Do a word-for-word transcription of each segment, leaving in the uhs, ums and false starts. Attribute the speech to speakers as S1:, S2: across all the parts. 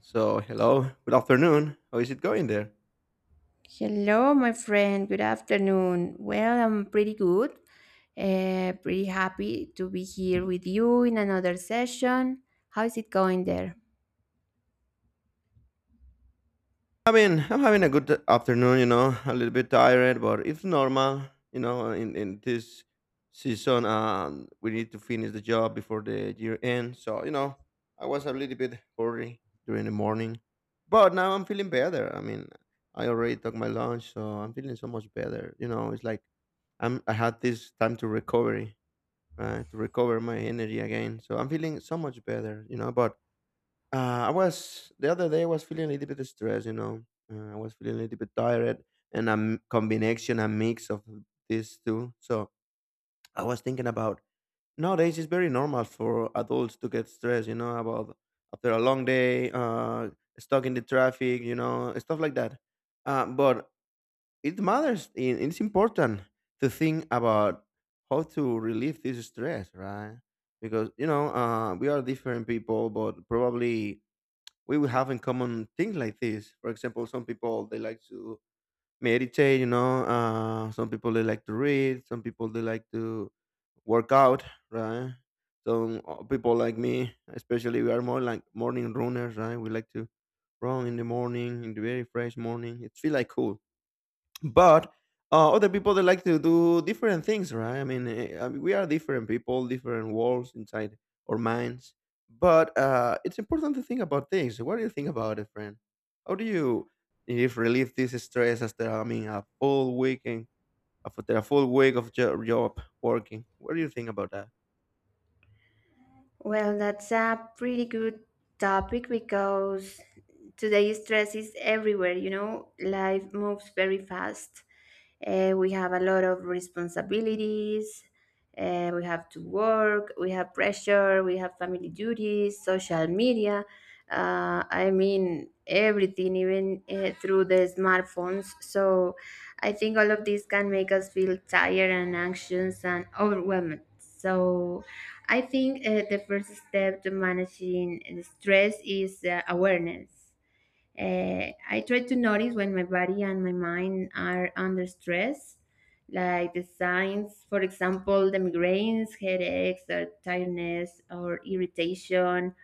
S1: So, hello, good afternoon. How is it going there?
S2: Hello, my friend. Good afternoon. Well, I'm pretty good. Uh, pretty happy to be here with you in another session. How is it going there?
S1: I mean, I'm having a good afternoon, you know, a little bit tired, but it's normal, you know, in, in this season, um, we need to finish the job before the year end. So, you know, I was a little bit hurry during the morning, but now I'm feeling better. I mean, I already took my lunch, so I'm feeling so much better. You know, it's like I'm, I had this time to recovery, right? To recover my energy again. So I'm feeling so much better, you know, but Uh, I was the other day. I was feeling a little bit stressed. You know, uh, I was feeling a little bit tired, and a m- combination, a mix of these two. So I was thinking about nowadays. It's very normal for adults to get stressed. You know, about after a long day, uh, stuck in the traffic. You know, stuff like that. Uh, but it matters. i- It's important to think about how to relieve this stress, right? Because you know, uh, we are different people, but probably we will have in common things like this. For example, some people they like to meditate, you know. Uh, some people they like to read. Some people they like to work out, right? Some uh, people like me, especially, we are more like morning runners, right? We like to run in the morning, in the very fresh morning. It feels like cool but uh, other people they like to do different things, right? I mean eh, I mean, we are different people, different worlds inside our minds, but uh, it's important to think about things. What do you think about it, friend? How do you, if, relieve this stress after, I mean, a full weekend, after a full week of jo- job working? What do you think about that?
S2: Well, that's a pretty good topic because today stress is everywhere, you know, life moves very fast. Uh, we have a lot of responsibilities, uh, we have to work, we have pressure, we have family duties, social media. Uh, I mean, everything, even uh, through the smartphones. So I think all of this can make us feel tired and anxious and overwhelmed. So I think uh, the first step to managing the stress is uh, awareness. Uh, I try to notice when my body and my mind are under stress, like the signs, for example, the migraines, headaches, or tiredness, or irritation,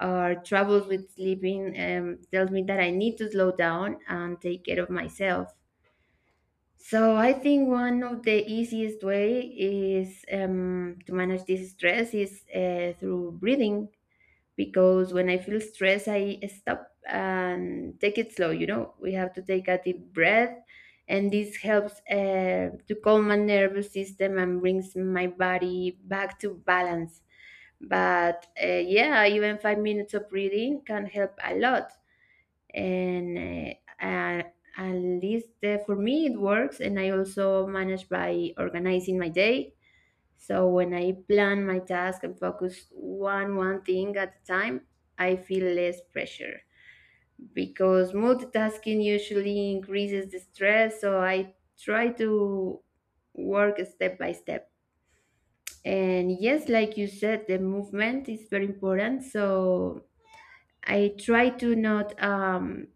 S2: or troubles with sleeping, um, tells me that I need to slow down and take care of myself. So I think one of the easiest way is um, to manage this stress is uh, through breathing because when I feel stress, I stop and take it slow. You know, we have to take a deep breath, and this helps uh, to calm my nervous system and brings my body back to balance. But uh, yeah, even five minutes of breathing can help a lot and uh, uh, at least uh, for me it works. And I also manage by organizing my day, so when I plan my task and focus one one thing at a time, I feel less pressure because multitasking usually increases the stress. So I try to work step by step. And yes, like you said, the movement is very important. So I try to not um,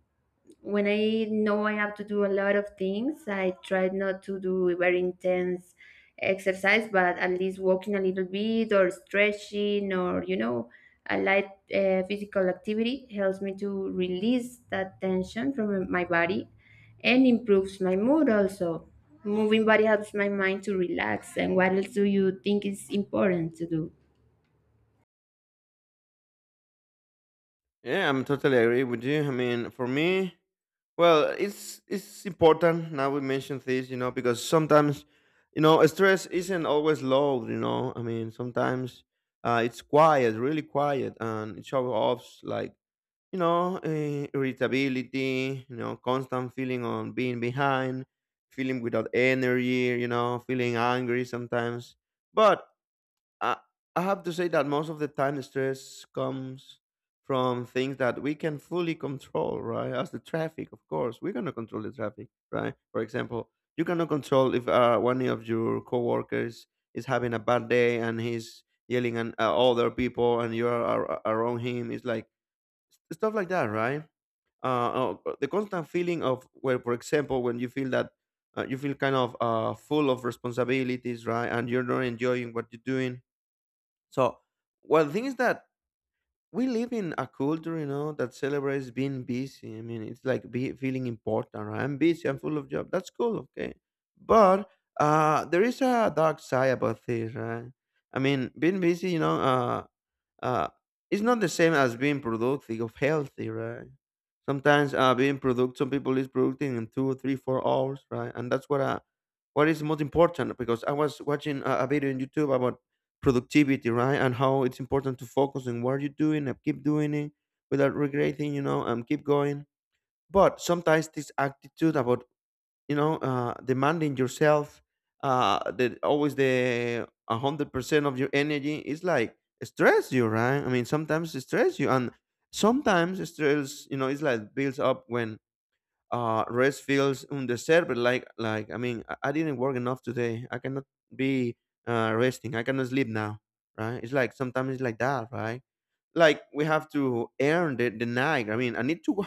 S2: when I know I have to do a lot of things, I try not to do very intense exercise, but at least walking a little bit or stretching or, you know, a light uh, physical activity helps me to release that tension from my body and improves my mood also. Moving body helps my mind to relax. And what else do you think is important to do?
S1: Yeah, I'm totally agree with you. I mean, for me, well, it's it's important now we mention this, you know, because sometimes, you know, stress isn't always loud, you know. I mean, sometimes uh, it's quiet, really quiet, and it shows off like, you know, uh, irritability, you know, constant feeling on being behind, feeling without energy, you know, feeling angry sometimes. But I, I have to say that most of the time stress comes from things that we can fully control, right? As the traffic, of course, we're gonna control the traffic, right? For example, you cannot control if uh, one of your coworkers is having a bad day and he's yelling at uh, other people, and you're ar- around him. It's like stuff like that, right? Uh, uh, uh, the constant feeling of where, for example, when you feel that uh, you feel kind of uh, full of responsibilities, right, and you're not enjoying what you're doing. So, well, the thing is that we live in a culture, you know, that celebrates being busy. I mean, it's like be, feeling important. Right? I'm busy. I'm full of job. That's cool. Okay, but uh, there is a dark side about this, right? I mean, being busy, you know, uh, uh, it's not the same as being productive of healthy, right? Sometimes uh, being productive, some people is productive in two, three, four hours, right? And that's what uh, what is most important, because I was watching a, a video on YouTube about productivity, right? And how it's important to focus on what you're doing and keep doing it without regretting, you know, and keep going. But sometimes this attitude about, you know, uh, demanding yourself, uh, that always the one hundred percent of your energy is like stress you, right? I mean, sometimes it stress you, and sometimes stress, you know, it's like builds up when uh, rest feels undeserved, like like I mean, I, I didn't work enough today, I cannot be uh, resting, I cannot sleep now, right? It's like sometimes it's like that, right? Like we have to earn the, the night. I mean, I need to wo-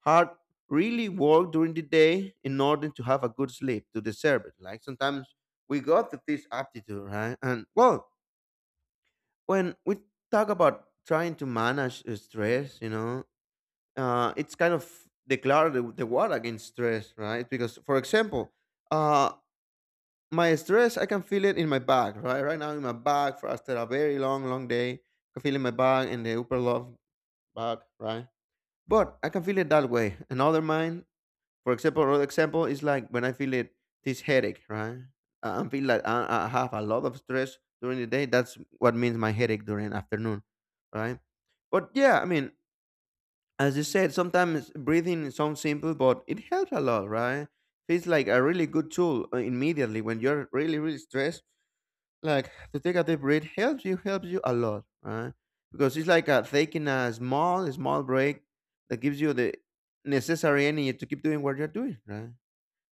S1: hard, really work during the day in order to have a good sleep to deserve it. Like sometimes we got to this aptitude, right? And well, when we talk about trying to manage uh, stress, you know, uh, it's kind of declare the, the war against stress, right? Because for example, uh, my stress I can feel it in my back, right? Right now in my back for after a very long, long day, I can feel in my back and the upper love back, right? But I can feel it that way. Another mind, for example, another example is like when I feel it this headache, right? I I feel like I, I have a lot of stress during the day. That's what means my headache during afternoon, right? But yeah, I mean, as you said, sometimes breathing sounds simple, but it helps a lot, right? Feels like a really good tool uh, immediately when you're really really stressed, like to take a deep breath helps you, helps you a lot, right? Because it's like uh taking a small small break that gives you the necessary energy to keep doing what you're doing, right?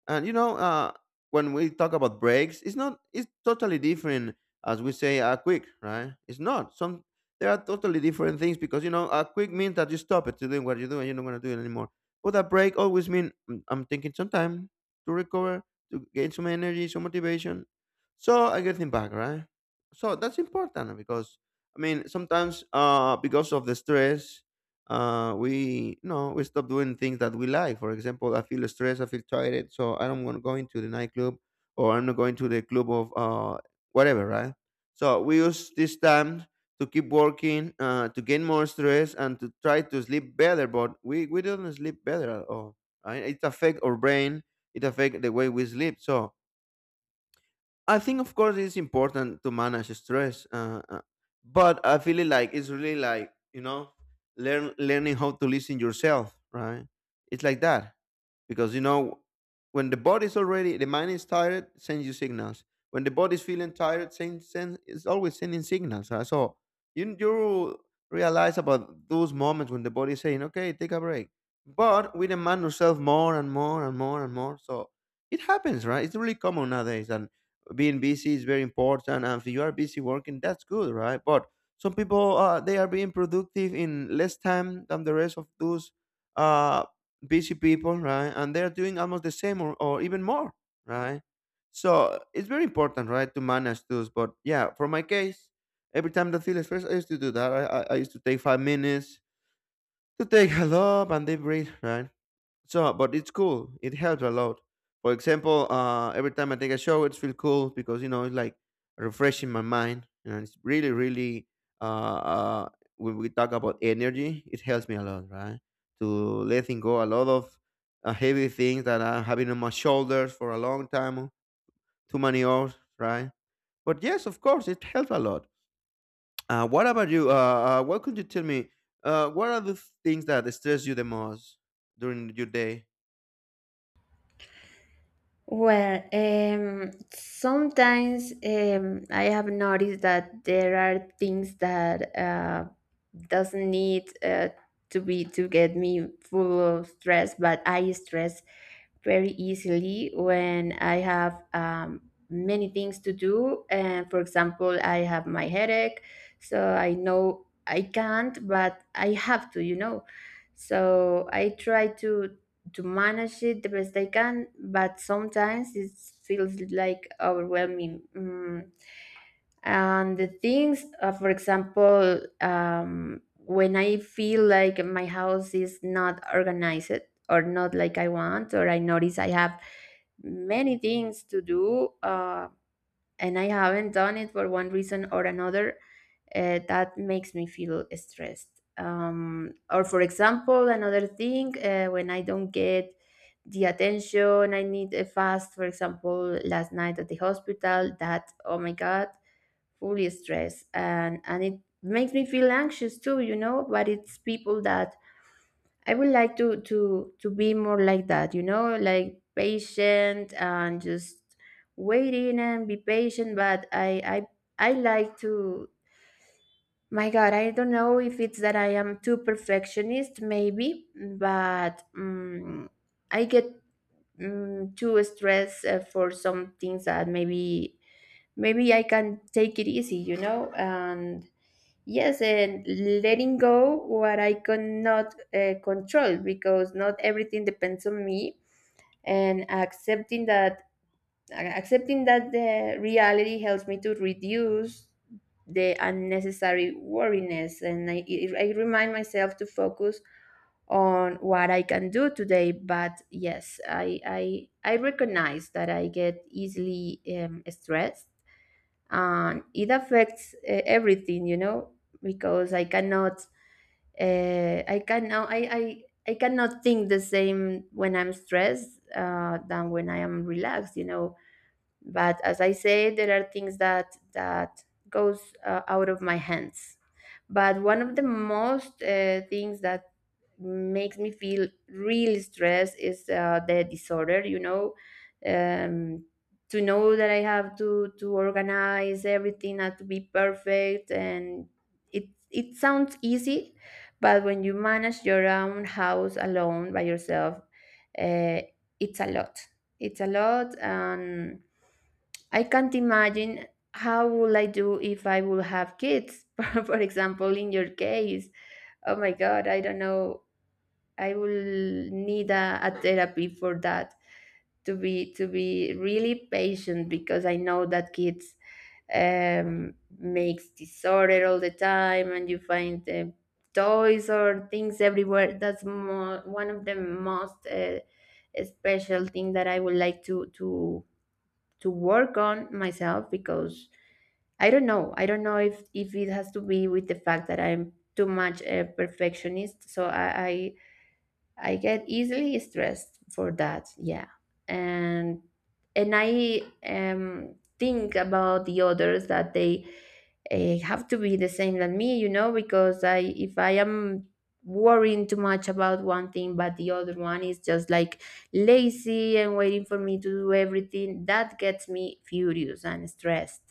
S1: And you know, uh, when we talk about breaks, it's not it's totally different as we say a quick, right? It's not. Some, there are totally different things, because you know a quick means that you stop it to doing what you're doing, you're not gonna do it anymore. But a break always means I'm taking some time to recover, to gain some energy, some motivation. So I get them back, right? So that's important, because I mean sometimes uh because of the stress, uh, we, you know, we stop doing things that we like. For example, I feel stressed, I feel tired, so I don't want to go into the nightclub or I'm not going to the club of uh, whatever, right? So we use this time to keep working, uh, to gain more stress and to try to sleep better, but we, we don't sleep better at all. Right? It affect our brain, it affect the way we sleep. So I think, of course, it's important to manage stress, uh, uh, but I feel it like it's really like, you know, learn learning how to listen yourself, right? It's like that, because you know, when the body's already the mind is tired, sends you signals. When the body's feeling tired, send, send it's always sending signals. Right? So you you realize about those moments when the body is saying, "Okay, take a break," but we demand ourselves more and more and more and more. So it happens, right? It's really common nowadays, and being busy is very important, and if you are busy working, that's good, right? But some people uh, they are being productive in less time than the rest of those uh, busy people, right? And they're doing almost the same, or, or even more, right? So it's very important, right, to manage those. But yeah, for my case, every time that feels first I used to do that, i, I, I used to take five minutes to take a lap and deep breath, right? So, but it's cool. It helps a lot. For example, uh, every time I take a shower, it's feel cool because you know it's like refreshing my mind, and it's really, really. Uh, uh, when we talk about energy, it helps me a lot, right? To letting go a lot of uh, heavy things that I'm having on my shoulders for a long time, too many hours, right? But yes, of course, it helps a lot. Uh, what about you? Uh, uh, what could you tell me? Uh, what are the things that stress you the most during your day?
S2: Well, um, sometimes um, I have noticed that there are things that uh, doesn't need uh, to be to get me full of stress, but I stress very easily when I have um, many things to do. And for example, I have my headache, so I know I can't, but I have to, you know. So I try to to manage it the best I can, but sometimes it feels like overwhelming. Mm. And the things, uh, for example, um, when I feel like my house is not organized or not like I want, or I notice I have many things to do, uh, and I haven't done it for one reason or another, uh, that makes me feel stressed. Um, or, for example, another thing, uh, when I don't get the attention I need a fast, for example, last night at the hospital, that, oh my God, fully stressed. And, and it makes me feel anxious too, you know, but it's people that I would like to to to be more like that, you know, like patient and just waiting and be patient. But I I I like to. My God, I don't know if it's that I am too perfectionist, maybe, but um, I get um, too stressed uh, for some things that maybe maybe I can take it easy, you know. And yes, and letting go what I cannot uh, control, because not everything depends on me, and accepting that accepting that the reality helps me to reduce the unnecessary worriness. And I, I remind myself to focus on what I can do today. But yes, I I, I recognize that I get easily um, stressed, and it affects uh, everything, you know, because I cannot uh, I can now I, I I cannot think the same when I'm stressed uh, than when I am relaxed. You know, but as I say, there are things that that goes uh, out of my hands. But one of the most uh, things that makes me feel real stress is uh, the disorder, you know. um, to know that I have to to organize everything and to be perfect, and it it sounds easy, but when you manage your own house alone by yourself, uh, it's a lot, it's a lot, And I can't imagine how would I do if I would have kids. For example, in your case, oh my God, I don't know, I will need a, a therapy for that to be to be really patient, because I know that kids um, makes disorder all the time and you find uh, toys or things everywhere. That's mo- one of the most uh, special thing that I would like to to to work on myself because I don't know. I don't know if if it has to be with the fact that I'm too much a perfectionist. So I I get easily stressed for that, yeah. And and I um think about the others that they uh, have to be the same than me, you know, because I if I am worrying too much about one thing but the other one is just like lazy and waiting for me to do everything, that gets me furious and stressed.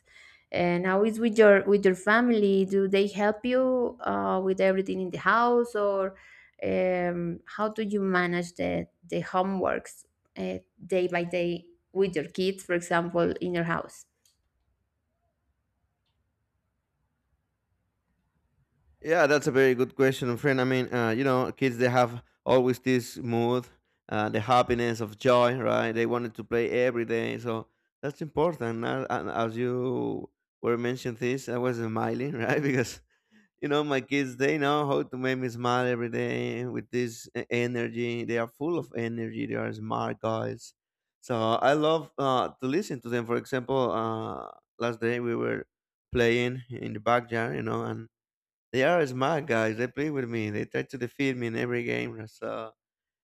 S2: And how is with your with your family? Do they help you uh, with everything in the house, or um, how do you manage the the homeworks uh, day by day with your kids, for example, in your house?
S1: Yeah, that's a very good question, friend. I mean, uh, you know, kids they have always this mood, uh, the happiness of joy, right? They wanted to play every day, so that's important. Now, and as you were mentioning this, I was smiling, right? Because you know, my kids they know how to make me smile every day with this e- energy. They are full of energy. They are smart guys, so I love uh, to listen to them. For example, uh, last day we were playing in the backyard, you know, and they are smart guys. They play with me. They try to defeat me in every game. So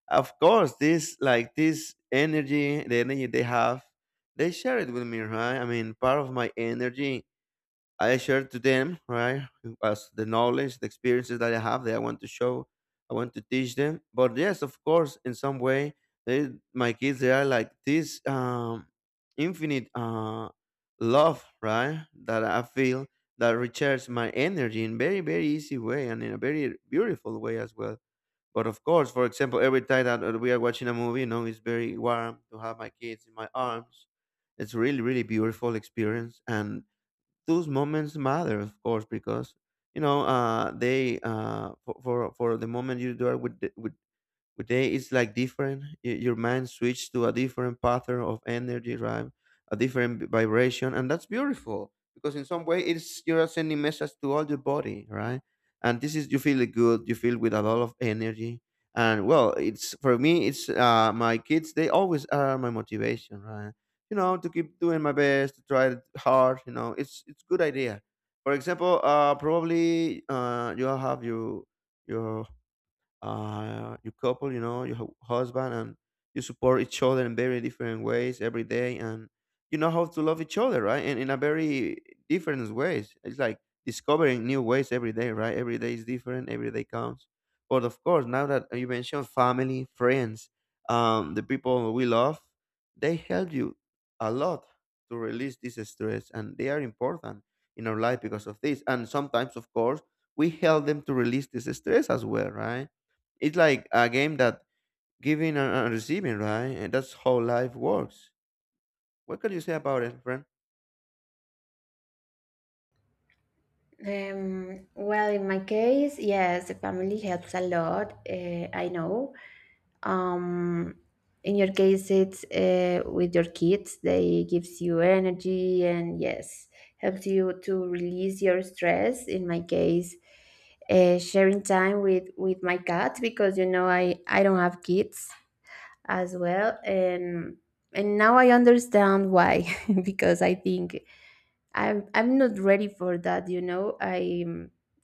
S1: of course, this like this energy, the energy they have, they share it with me, right? I mean, part of my energy I share to them, right? As the knowledge, the experiences that I have that I want to show, I want to teach them. But yes, of course, in some way, they, my kids, they are like this um, infinite uh, love, right? That I feel that recharges my energy in very, very easy way and in a very beautiful way as well. But of course, for example, every time that uh, we are watching a movie, you know, it's very warm to have my kids in my arms. It's really, really beautiful experience, and those moments matter, of course, because you know uh, they uh, for, for for the moment you are with the, with Today it's like different. Y- Your mind switch to a different pattern of energy, right? A different vibration, and that's beautiful because in some way it's you're sending message to all your body, right? And this is you feel good, you feel with a lot of energy, and well, it's for me, it's uh, my kids. They always are my motivation, right? You know, to keep doing my best, to try hard. You know, it's it's good idea. For example, uh, probably uh, you have your your uh, your couple, you know, your hu- husband, and you support each other in very different ways every day, and you know how to love each other, right? And in a very different ways. It's like discovering new ways every day, right? Every day is different. Every day counts. But of course, now that you mentioned family, friends, um, the people we love, they help you a lot to release this stress, and they are important in our life because of this. And sometimes, of course, we help them to release this stress as well, right? It's like a game that giving and and receiving, right? And that's how life works. What can you say about it, friend?
S2: Um, well, in my case, yes, the family helps a lot. Uh, I know um in your case it's uh, with your kids they gives you energy, and yes, helps you to release your stress. In my case, uh, sharing time with with my cat, because you know i i don't have kids as well. and and now I understand why because I think I'm I'm not ready for that, you know. I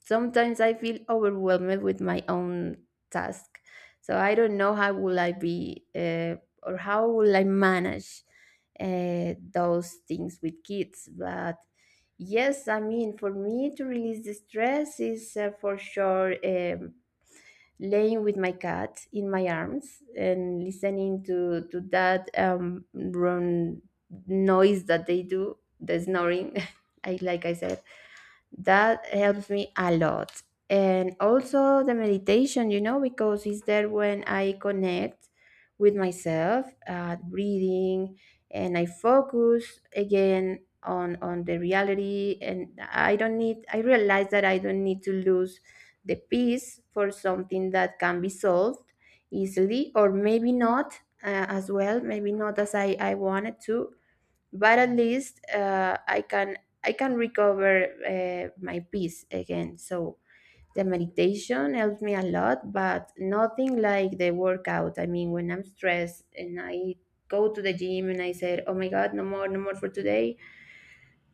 S2: sometimes I feel overwhelmed with my own task, so I don't know how will I be uh, or how will I manage uh, those things with kids. But yes, I mean, for me to release the stress is uh, for sure. Um, laying with my cat in my arms and listening to to that um run noise that they do, the snoring, I like I said, that helps me a lot. And also the meditation, you know, because it's there when I connect with myself, uh, breathing, and I focus again on on the reality, and i don't need I realize that I don't need to lose the peace for something that can be solved easily, or maybe not uh, as well, maybe not as i i wanted to. But at least uh, I can I can recover uh, my peace again. So the meditation helps me a lot, but nothing like the workout. I mean, when I'm stressed and I go to the gym and I said, oh my God, no more no more for today,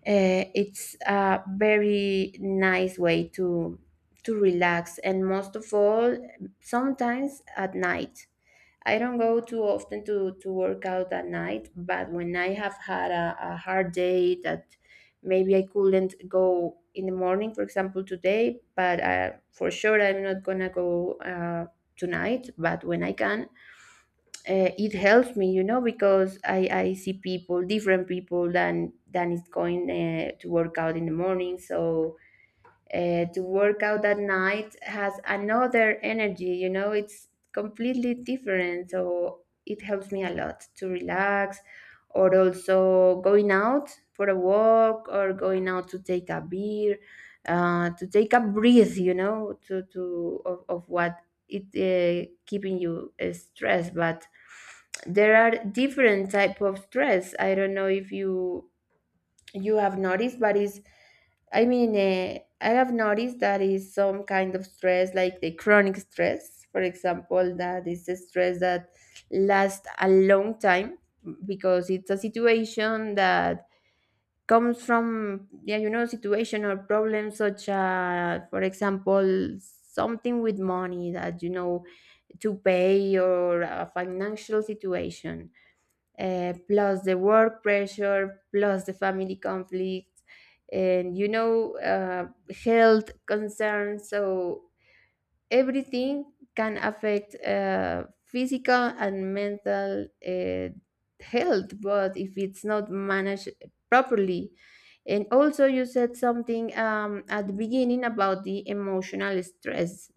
S2: uh, it's a very nice way to to relax. And most of all, sometimes at night, I don't go too often to, to work out at night, but when I have had a, a hard day that maybe I couldn't go in the morning, for example, today, but uh, for sure I'm not gonna go uh, tonight, but when I can, uh, it helps me, you know, because I, I see people, different people than than is going uh, to work out in the morning. So uh, to work out at night has another energy, you know, it's completely different, so it helps me a lot to relax. Or also going out for a walk or going out to take a beer, uh, to take a breath, you know, to, to of, of what it uh, keeping you uh, stressed. But there are different type of stress. I don't know if you you have noticed, but is I mean uh, I have noticed that is some kind of stress like the chronic stress, for example, that is a stress that lasts a long time because it's a situation that comes from, yeah, you know, situation or problems such as, for example, something with money that you know to pay, or a financial situation, uh, plus the work pressure, plus the family conflicts, and you know, uh, health concerns. So everything can affect uh, physical and mental uh, health, but if it's not managed properly. And also, you said something um, at the beginning about the emotional stress.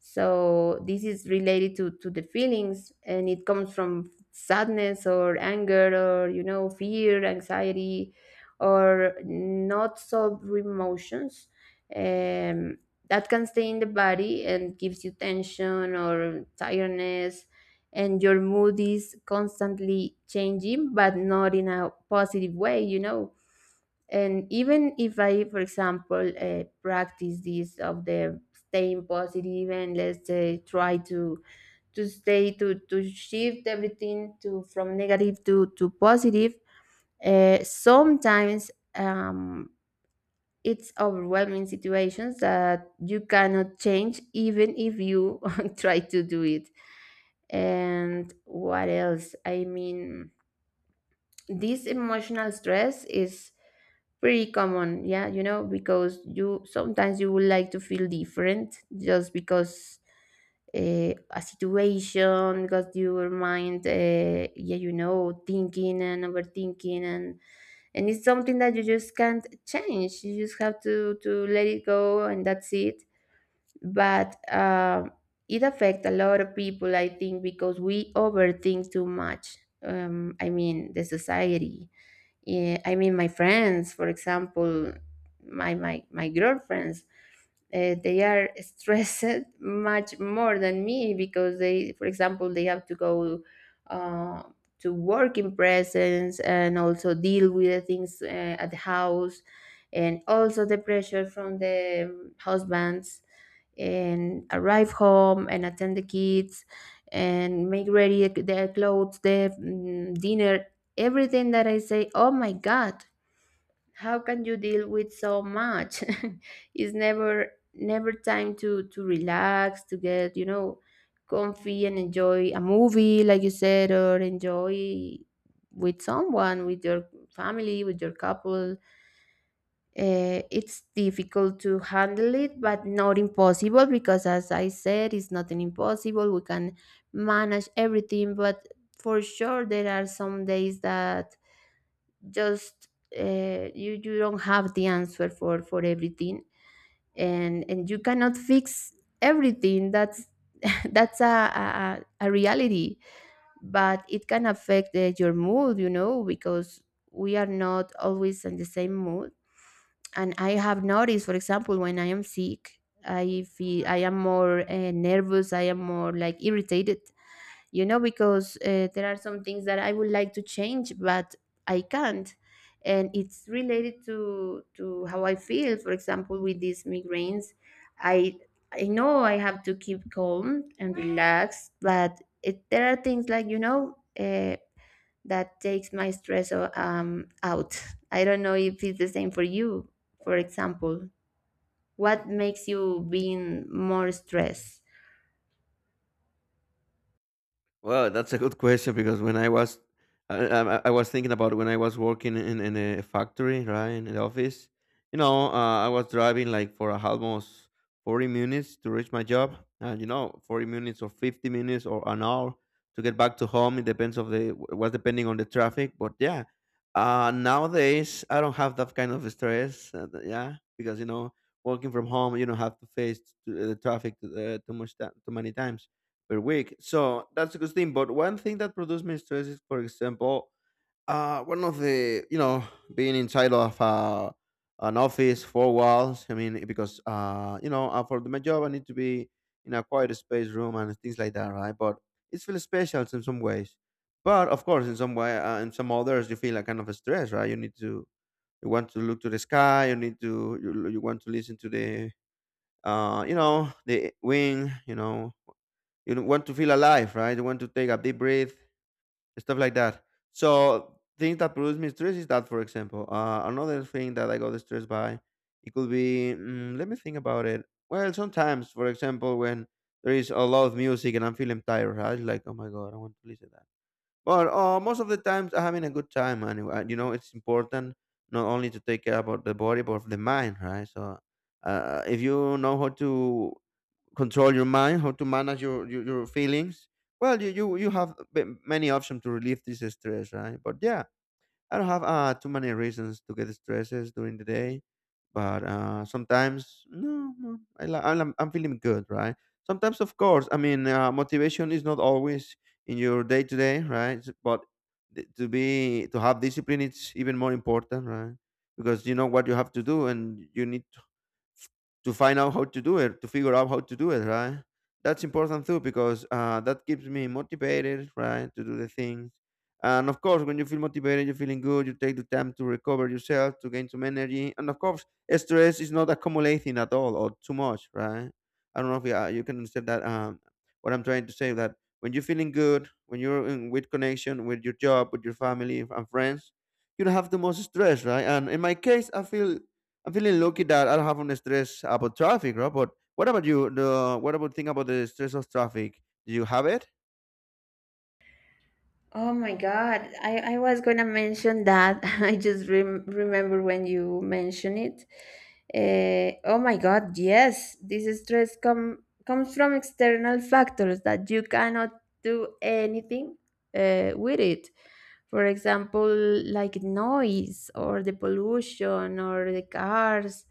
S2: So, this is related to, to the feelings, and it comes from sadness or anger or, you know, fear, anxiety, or not solved emotions. Um, that can stay in the body and gives you tension or tiredness, and your mood is constantly changing but not in a positive way, you know and even if I, for example, uh, practice this of the staying positive, and let's say try to to stay to to shift everything to, from negative to to positive. Uh, sometimes, um it's overwhelming situations that you cannot change, even if you try to do it. And what else? I mean, this emotional stress is pretty common, yeah, you know because you, sometimes you would like to feel different just because, uh, a situation, because your mind, uh, yeah, you know thinking and overthinking, and and it's something that you just can't change. You just have to to let it go, and that's it. But, um, it affects a lot of people, I think, because we overthink too much. um, I mean, the society. Yeah, I mean, my friends, for example, my my my girlfriends, uh, they are stressed much more than me, because they, for example, they have to go uh, to work in presence, and also deal with the things, uh, at the house, and also the pressure from the um, husbands, and arrive home and attend the kids, and make ready their clothes, their mm, dinner. Everything that I say, oh my God, how can you deal with so much? It's never, never time to to relax, to get, you know comfy, and enjoy a movie like you said, or enjoy with someone, with your family, with your couple. Uh, it's difficult to handle it, but not impossible, because as I said, it's nothing impossible. We can manage everything. But for sure, there are some days that, just, uh, you you don't have the answer for for everything. And and you cannot fix everything. That's that's a, a a a reality. But it can affect, uh, your mood, you know, because we are not always in the same mood. And I have noticed, for example, when I am sick, I feel I am more uh, nervous. I am more, like, irritated, you know, because, uh, there are some things that I would like to change, but I can't. And it's related to to how I feel. For example, with these migraines, I I know I have to keep calm and relaxed, but it, there are things, like, you know uh, that takes my stress o- um, out. I don't know if it's the same for you. For example, what makes you being more stressed?
S1: Well, that's a good question because when I was, I, I, I was thinking about when I was working in, in a factory, right, in the office. You know, uh, I was driving like for almost forty minutes to reach my job, and you know, forty minutes or fifty minutes or an hour to get back to home. It depends of the was depending on the traffic, but yeah. Uh, nowadays I don't have that kind of stress. Uh, th- yeah, because you know, working from home, you don't have to face t- the traffic uh, too much ti- too many times per week. So that's a good thing. But one thing that produced me stress is, for example, uh, one of the you know being inside of uh, an office four walls. I mean, because uh, you know uh, for my job I need to be in a quiet space room and things like that, right? But it's feel special in some ways. But of course, in some way, uh, in some others, you feel a kind of stress, right? You need to you want to look to the sky. You need to you, you want to listen to the uh, you know the wind. You know you know, want to feel alive, right? You want to take a deep breath, stuff like that. So things that produce me stress is that, for example, uh, another thing that I got stressed by, it could be. Mm, let me think about it. Well, sometimes, for example, when there is a lot of music and I'm feeling tired, right? Like, oh my god, I want to listen to that. But uh, most of the times, I'm having a good time, and uh, you know, it's important not only to take care about the body but of the mind, right? So. Uh, if you know how to control your mind, how to manage your your, your feelings. Well, you you you have b- many options to relieve this stress, right? But yeah, I don't have uh too many reasons to get stresses during the day. But uh, sometimes no, no I, li- I'm I'm feeling good, right? Sometimes, of course, I mean, uh, motivation is not always in your day to day, right? S- But th- to be to have discipline, it's even more important, right? Because you know what you have to do, and you need to find out how to do it, to figure out how to do it, right? That's important too because uh, that keeps me motivated, right, to do the things. And of course, when you feel motivated, you're feeling good, you take the time to recover yourself, to gain some energy. And of course, stress is not accumulating at all or too much, right? I don't know if you, uh, you can understand that. Um, what I'm trying to say that when you're feeling good, when you're in with connection with your job, with your family and friends, you don't have the most stress, right? And in my case, I feel I'm feeling lucky that I don't have any stress about traffic, right? But what about you? The, what about think about the stress of traffic? Do you have it?
S2: Oh my God. I, I was going to mention that. I just rem remember when you mentioned it. Eh, oh my God, yes. This stress com comes from external factors that you cannot do anything uh, with it. For example, like noise or the pollution or the cars,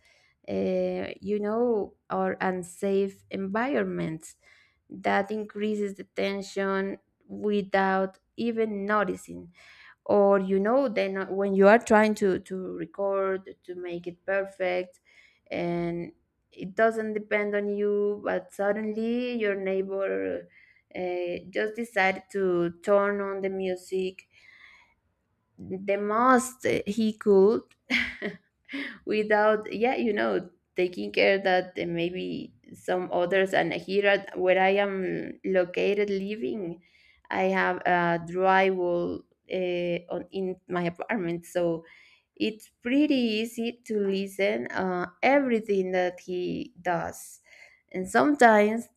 S2: uh, you know, or unsafe environments. That increases the tension without even noticing. Or, you know, then, uh, when you are trying to to record, to make it perfect, and it doesn't depend on you, but suddenly your neighbor, uh, just decided to turn on the music the most he could, without, yeah, you know taking care that, uh, maybe some others. And here, at where I am located living, I have a drywall, uh, on in my apartment, so it's pretty easy to listen, uh, everything that he does. And sometimes,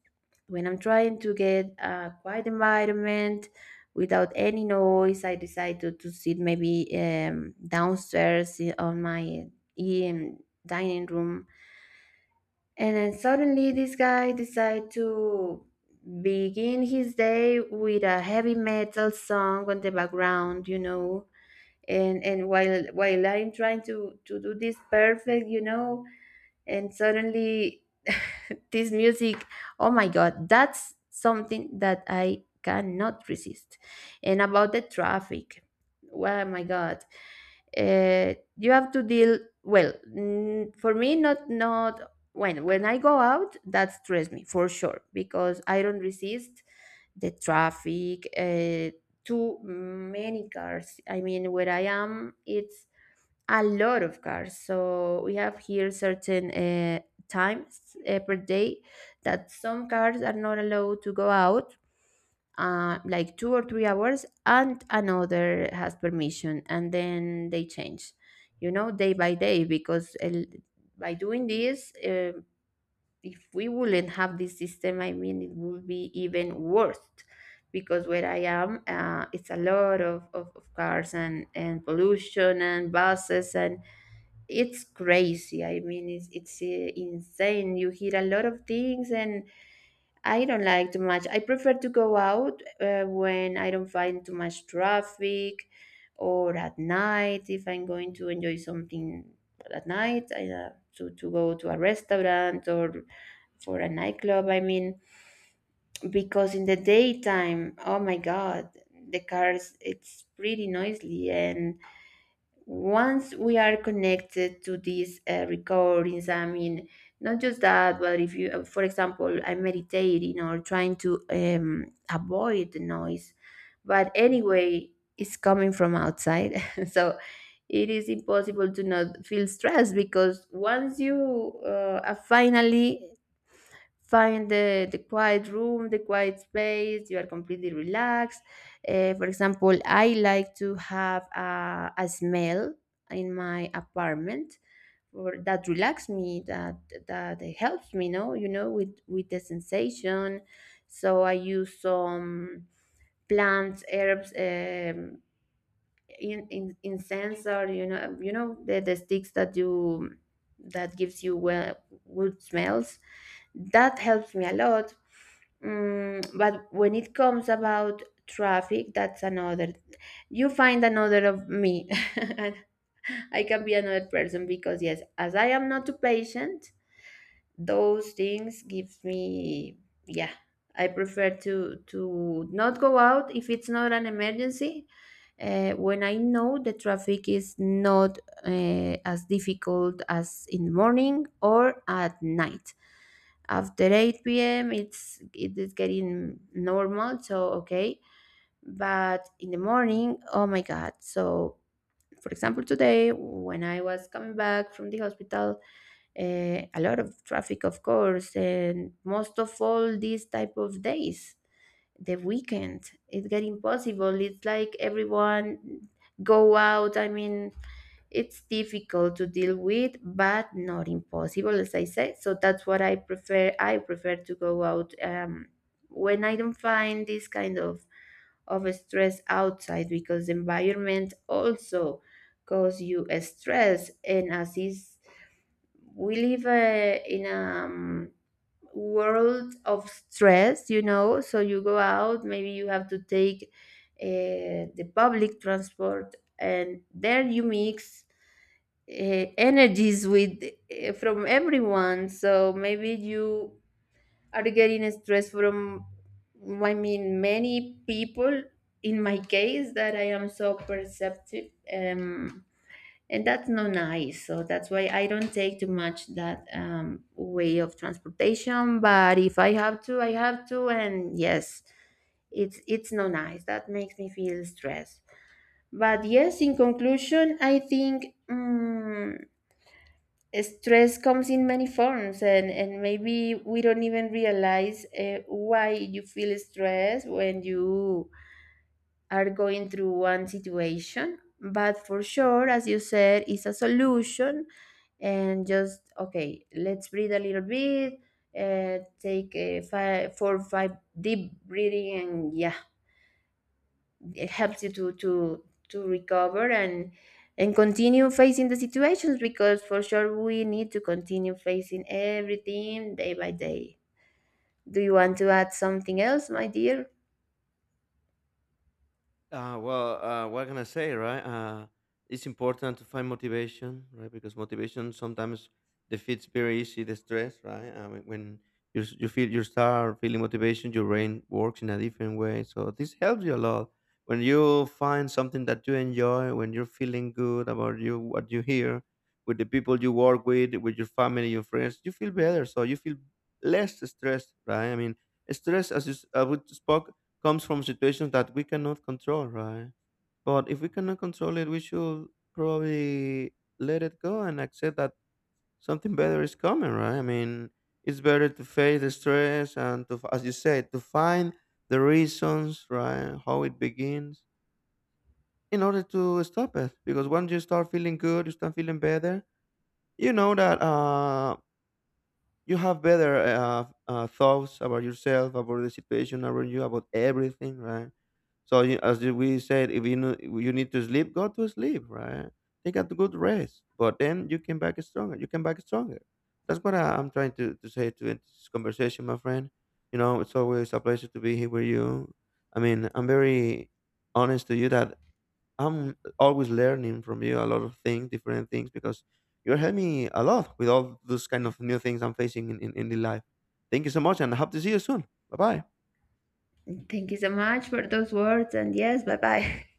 S2: when I'm trying to get a quiet environment without any noise, I decide to to sit, maybe, um, downstairs, i- on my, um, dining room. And then suddenly this guy decide to begin his day with a heavy metal song on the background, you know. And, and while while I'm trying to to do this perfect, you know, and suddenly this music. Oh my God, that's something that I cannot resist. And about the traffic, oh my God, uh, you have to deal. Well, mm, for me, not not when when I go out, that stress me for sure, because I don't resist the traffic, uh, too many cars. I mean, where I am, it's a lot of cars. So we have here certain, uh, times, uh, per day that some cars are not allowed to go out, uh, like two or three hours, and another has permission, and then they change, you know, day by day. Because, uh, by doing this, uh, if we wouldn't have this system, I mean, it would be even worse. Because where I am, uh, it's a lot of, of, of cars, and, and pollution, and buses, and it's crazy. I mean, it's it's uh, insane. You hear a lot of things, and I don't like too much. I prefer to go out uh, when I don't find too much traffic, or at night, if I'm going to enjoy something at night. I, uh, to to go to a restaurant or for a nightclub. I mean, because in the daytime, oh my God, the cars, it's pretty noisy. And once we are connected to these, uh, recordings, I mean, not just that, but if you, uh, for example, I'm meditating or trying to, um, avoid the noise, but anyway, it's coming from outside. So it is impossible to not feel stressed, because once you, uh, are finally find the, the quiet room, the quiet space, you are completely relaxed. Uh, for example, I like to have a, a smell in my apartment, or that relax me, that that helps me. No, you know, with with the sensation. So I use some plants, herbs, um, in in incense, or, you know you know the, the sticks that you, that gives you, well, good smells, that helps me a lot. Mm, but when it comes about traffic, that's another, you find another of me. And I can be another person, because yes, as I am not too patient, those things gives me, yeah, I prefer to to not go out if it's not an emergency, uh, when I know the traffic is not, uh, as difficult as in the morning or at night. After eight p m, it's it is getting normal, so okay. But in the morning, oh my God. So for example, today, when I was coming back from the hospital, uh, a lot of traffic, of course. And most of all, these type of days, the weekend, it get impossible. It's like everyone go out. I mean, it's difficult to deal with, but not impossible, as I said. So that's what I prefer. I prefer to go out, um, when I don't find this kind of of stress outside, because the environment also cause you a stress. And as is, we live, uh, in a, um, world of stress, you know. So you go out, maybe you have to take, uh, the public transport, and there you mix, uh, energies with, uh, from everyone. So maybe you are getting stress from, I mean, many people. In my case, that I am so perceptive. Um, and that's not nice. So that's why I don't take too much that, um, way of transportation. But if I have to, I have to. And yes, it's it's not nice, that makes me feel stressed. But yes, in conclusion, I think, um, stress comes in many forms, and and maybe we don't even realize, uh, why you feel stressed when you are going through one situation. But for sure, as you said, it's a solution. And just, okay, let's breathe a little bit, uh, take a five, four five deep breathing, and yeah, it helps you to to to recover, and and continue facing the situations, because for sure, we need to continue facing everything day by day. Do you want to add something else, my dear?
S1: Uh, well, uh, what can I say, right? Uh, it's important to find motivation, right? Because motivation sometimes defeats very easy the stress, right? I mean, when you s- you feel you start feeling motivation, your brain works in a different way. So this helps you a lot when you find something that you enjoy, when you're feeling good about you, what you hear, with the people you work with, with your family, your friends, you feel better. So you feel less stressed, right? I mean, stress, as you s- uh, we spoke comes from situations that we cannot control, right? But if we cannot control it, we should probably let it go and accept that something better is coming, right? I mean, it's better to face the stress and to, as you said, to find the reasons, right? How it begins in order to stop it. Because once you start feeling good, you start feeling better, you know that uh, you have better uh, uh, thoughts about yourself, about the situation around you, about everything, right? So you, as you- we said, if you know, you need to sleep, go to sleep, right? Take a good rest, but then you came back stronger. You came back stronger. That's what I, I'm trying to, to say to end this conversation, my friend. You know, it's always a pleasure to be here with you. I mean, I'm very honest to you that I'm always learning from you a lot of things, different things, because you're helping me a lot with all those kind of new things I'm facing in, in, in the life. Thank you so much and I hope to see you soon. Bye bye.
S2: Thank you so much for those words, and yes, bye bye.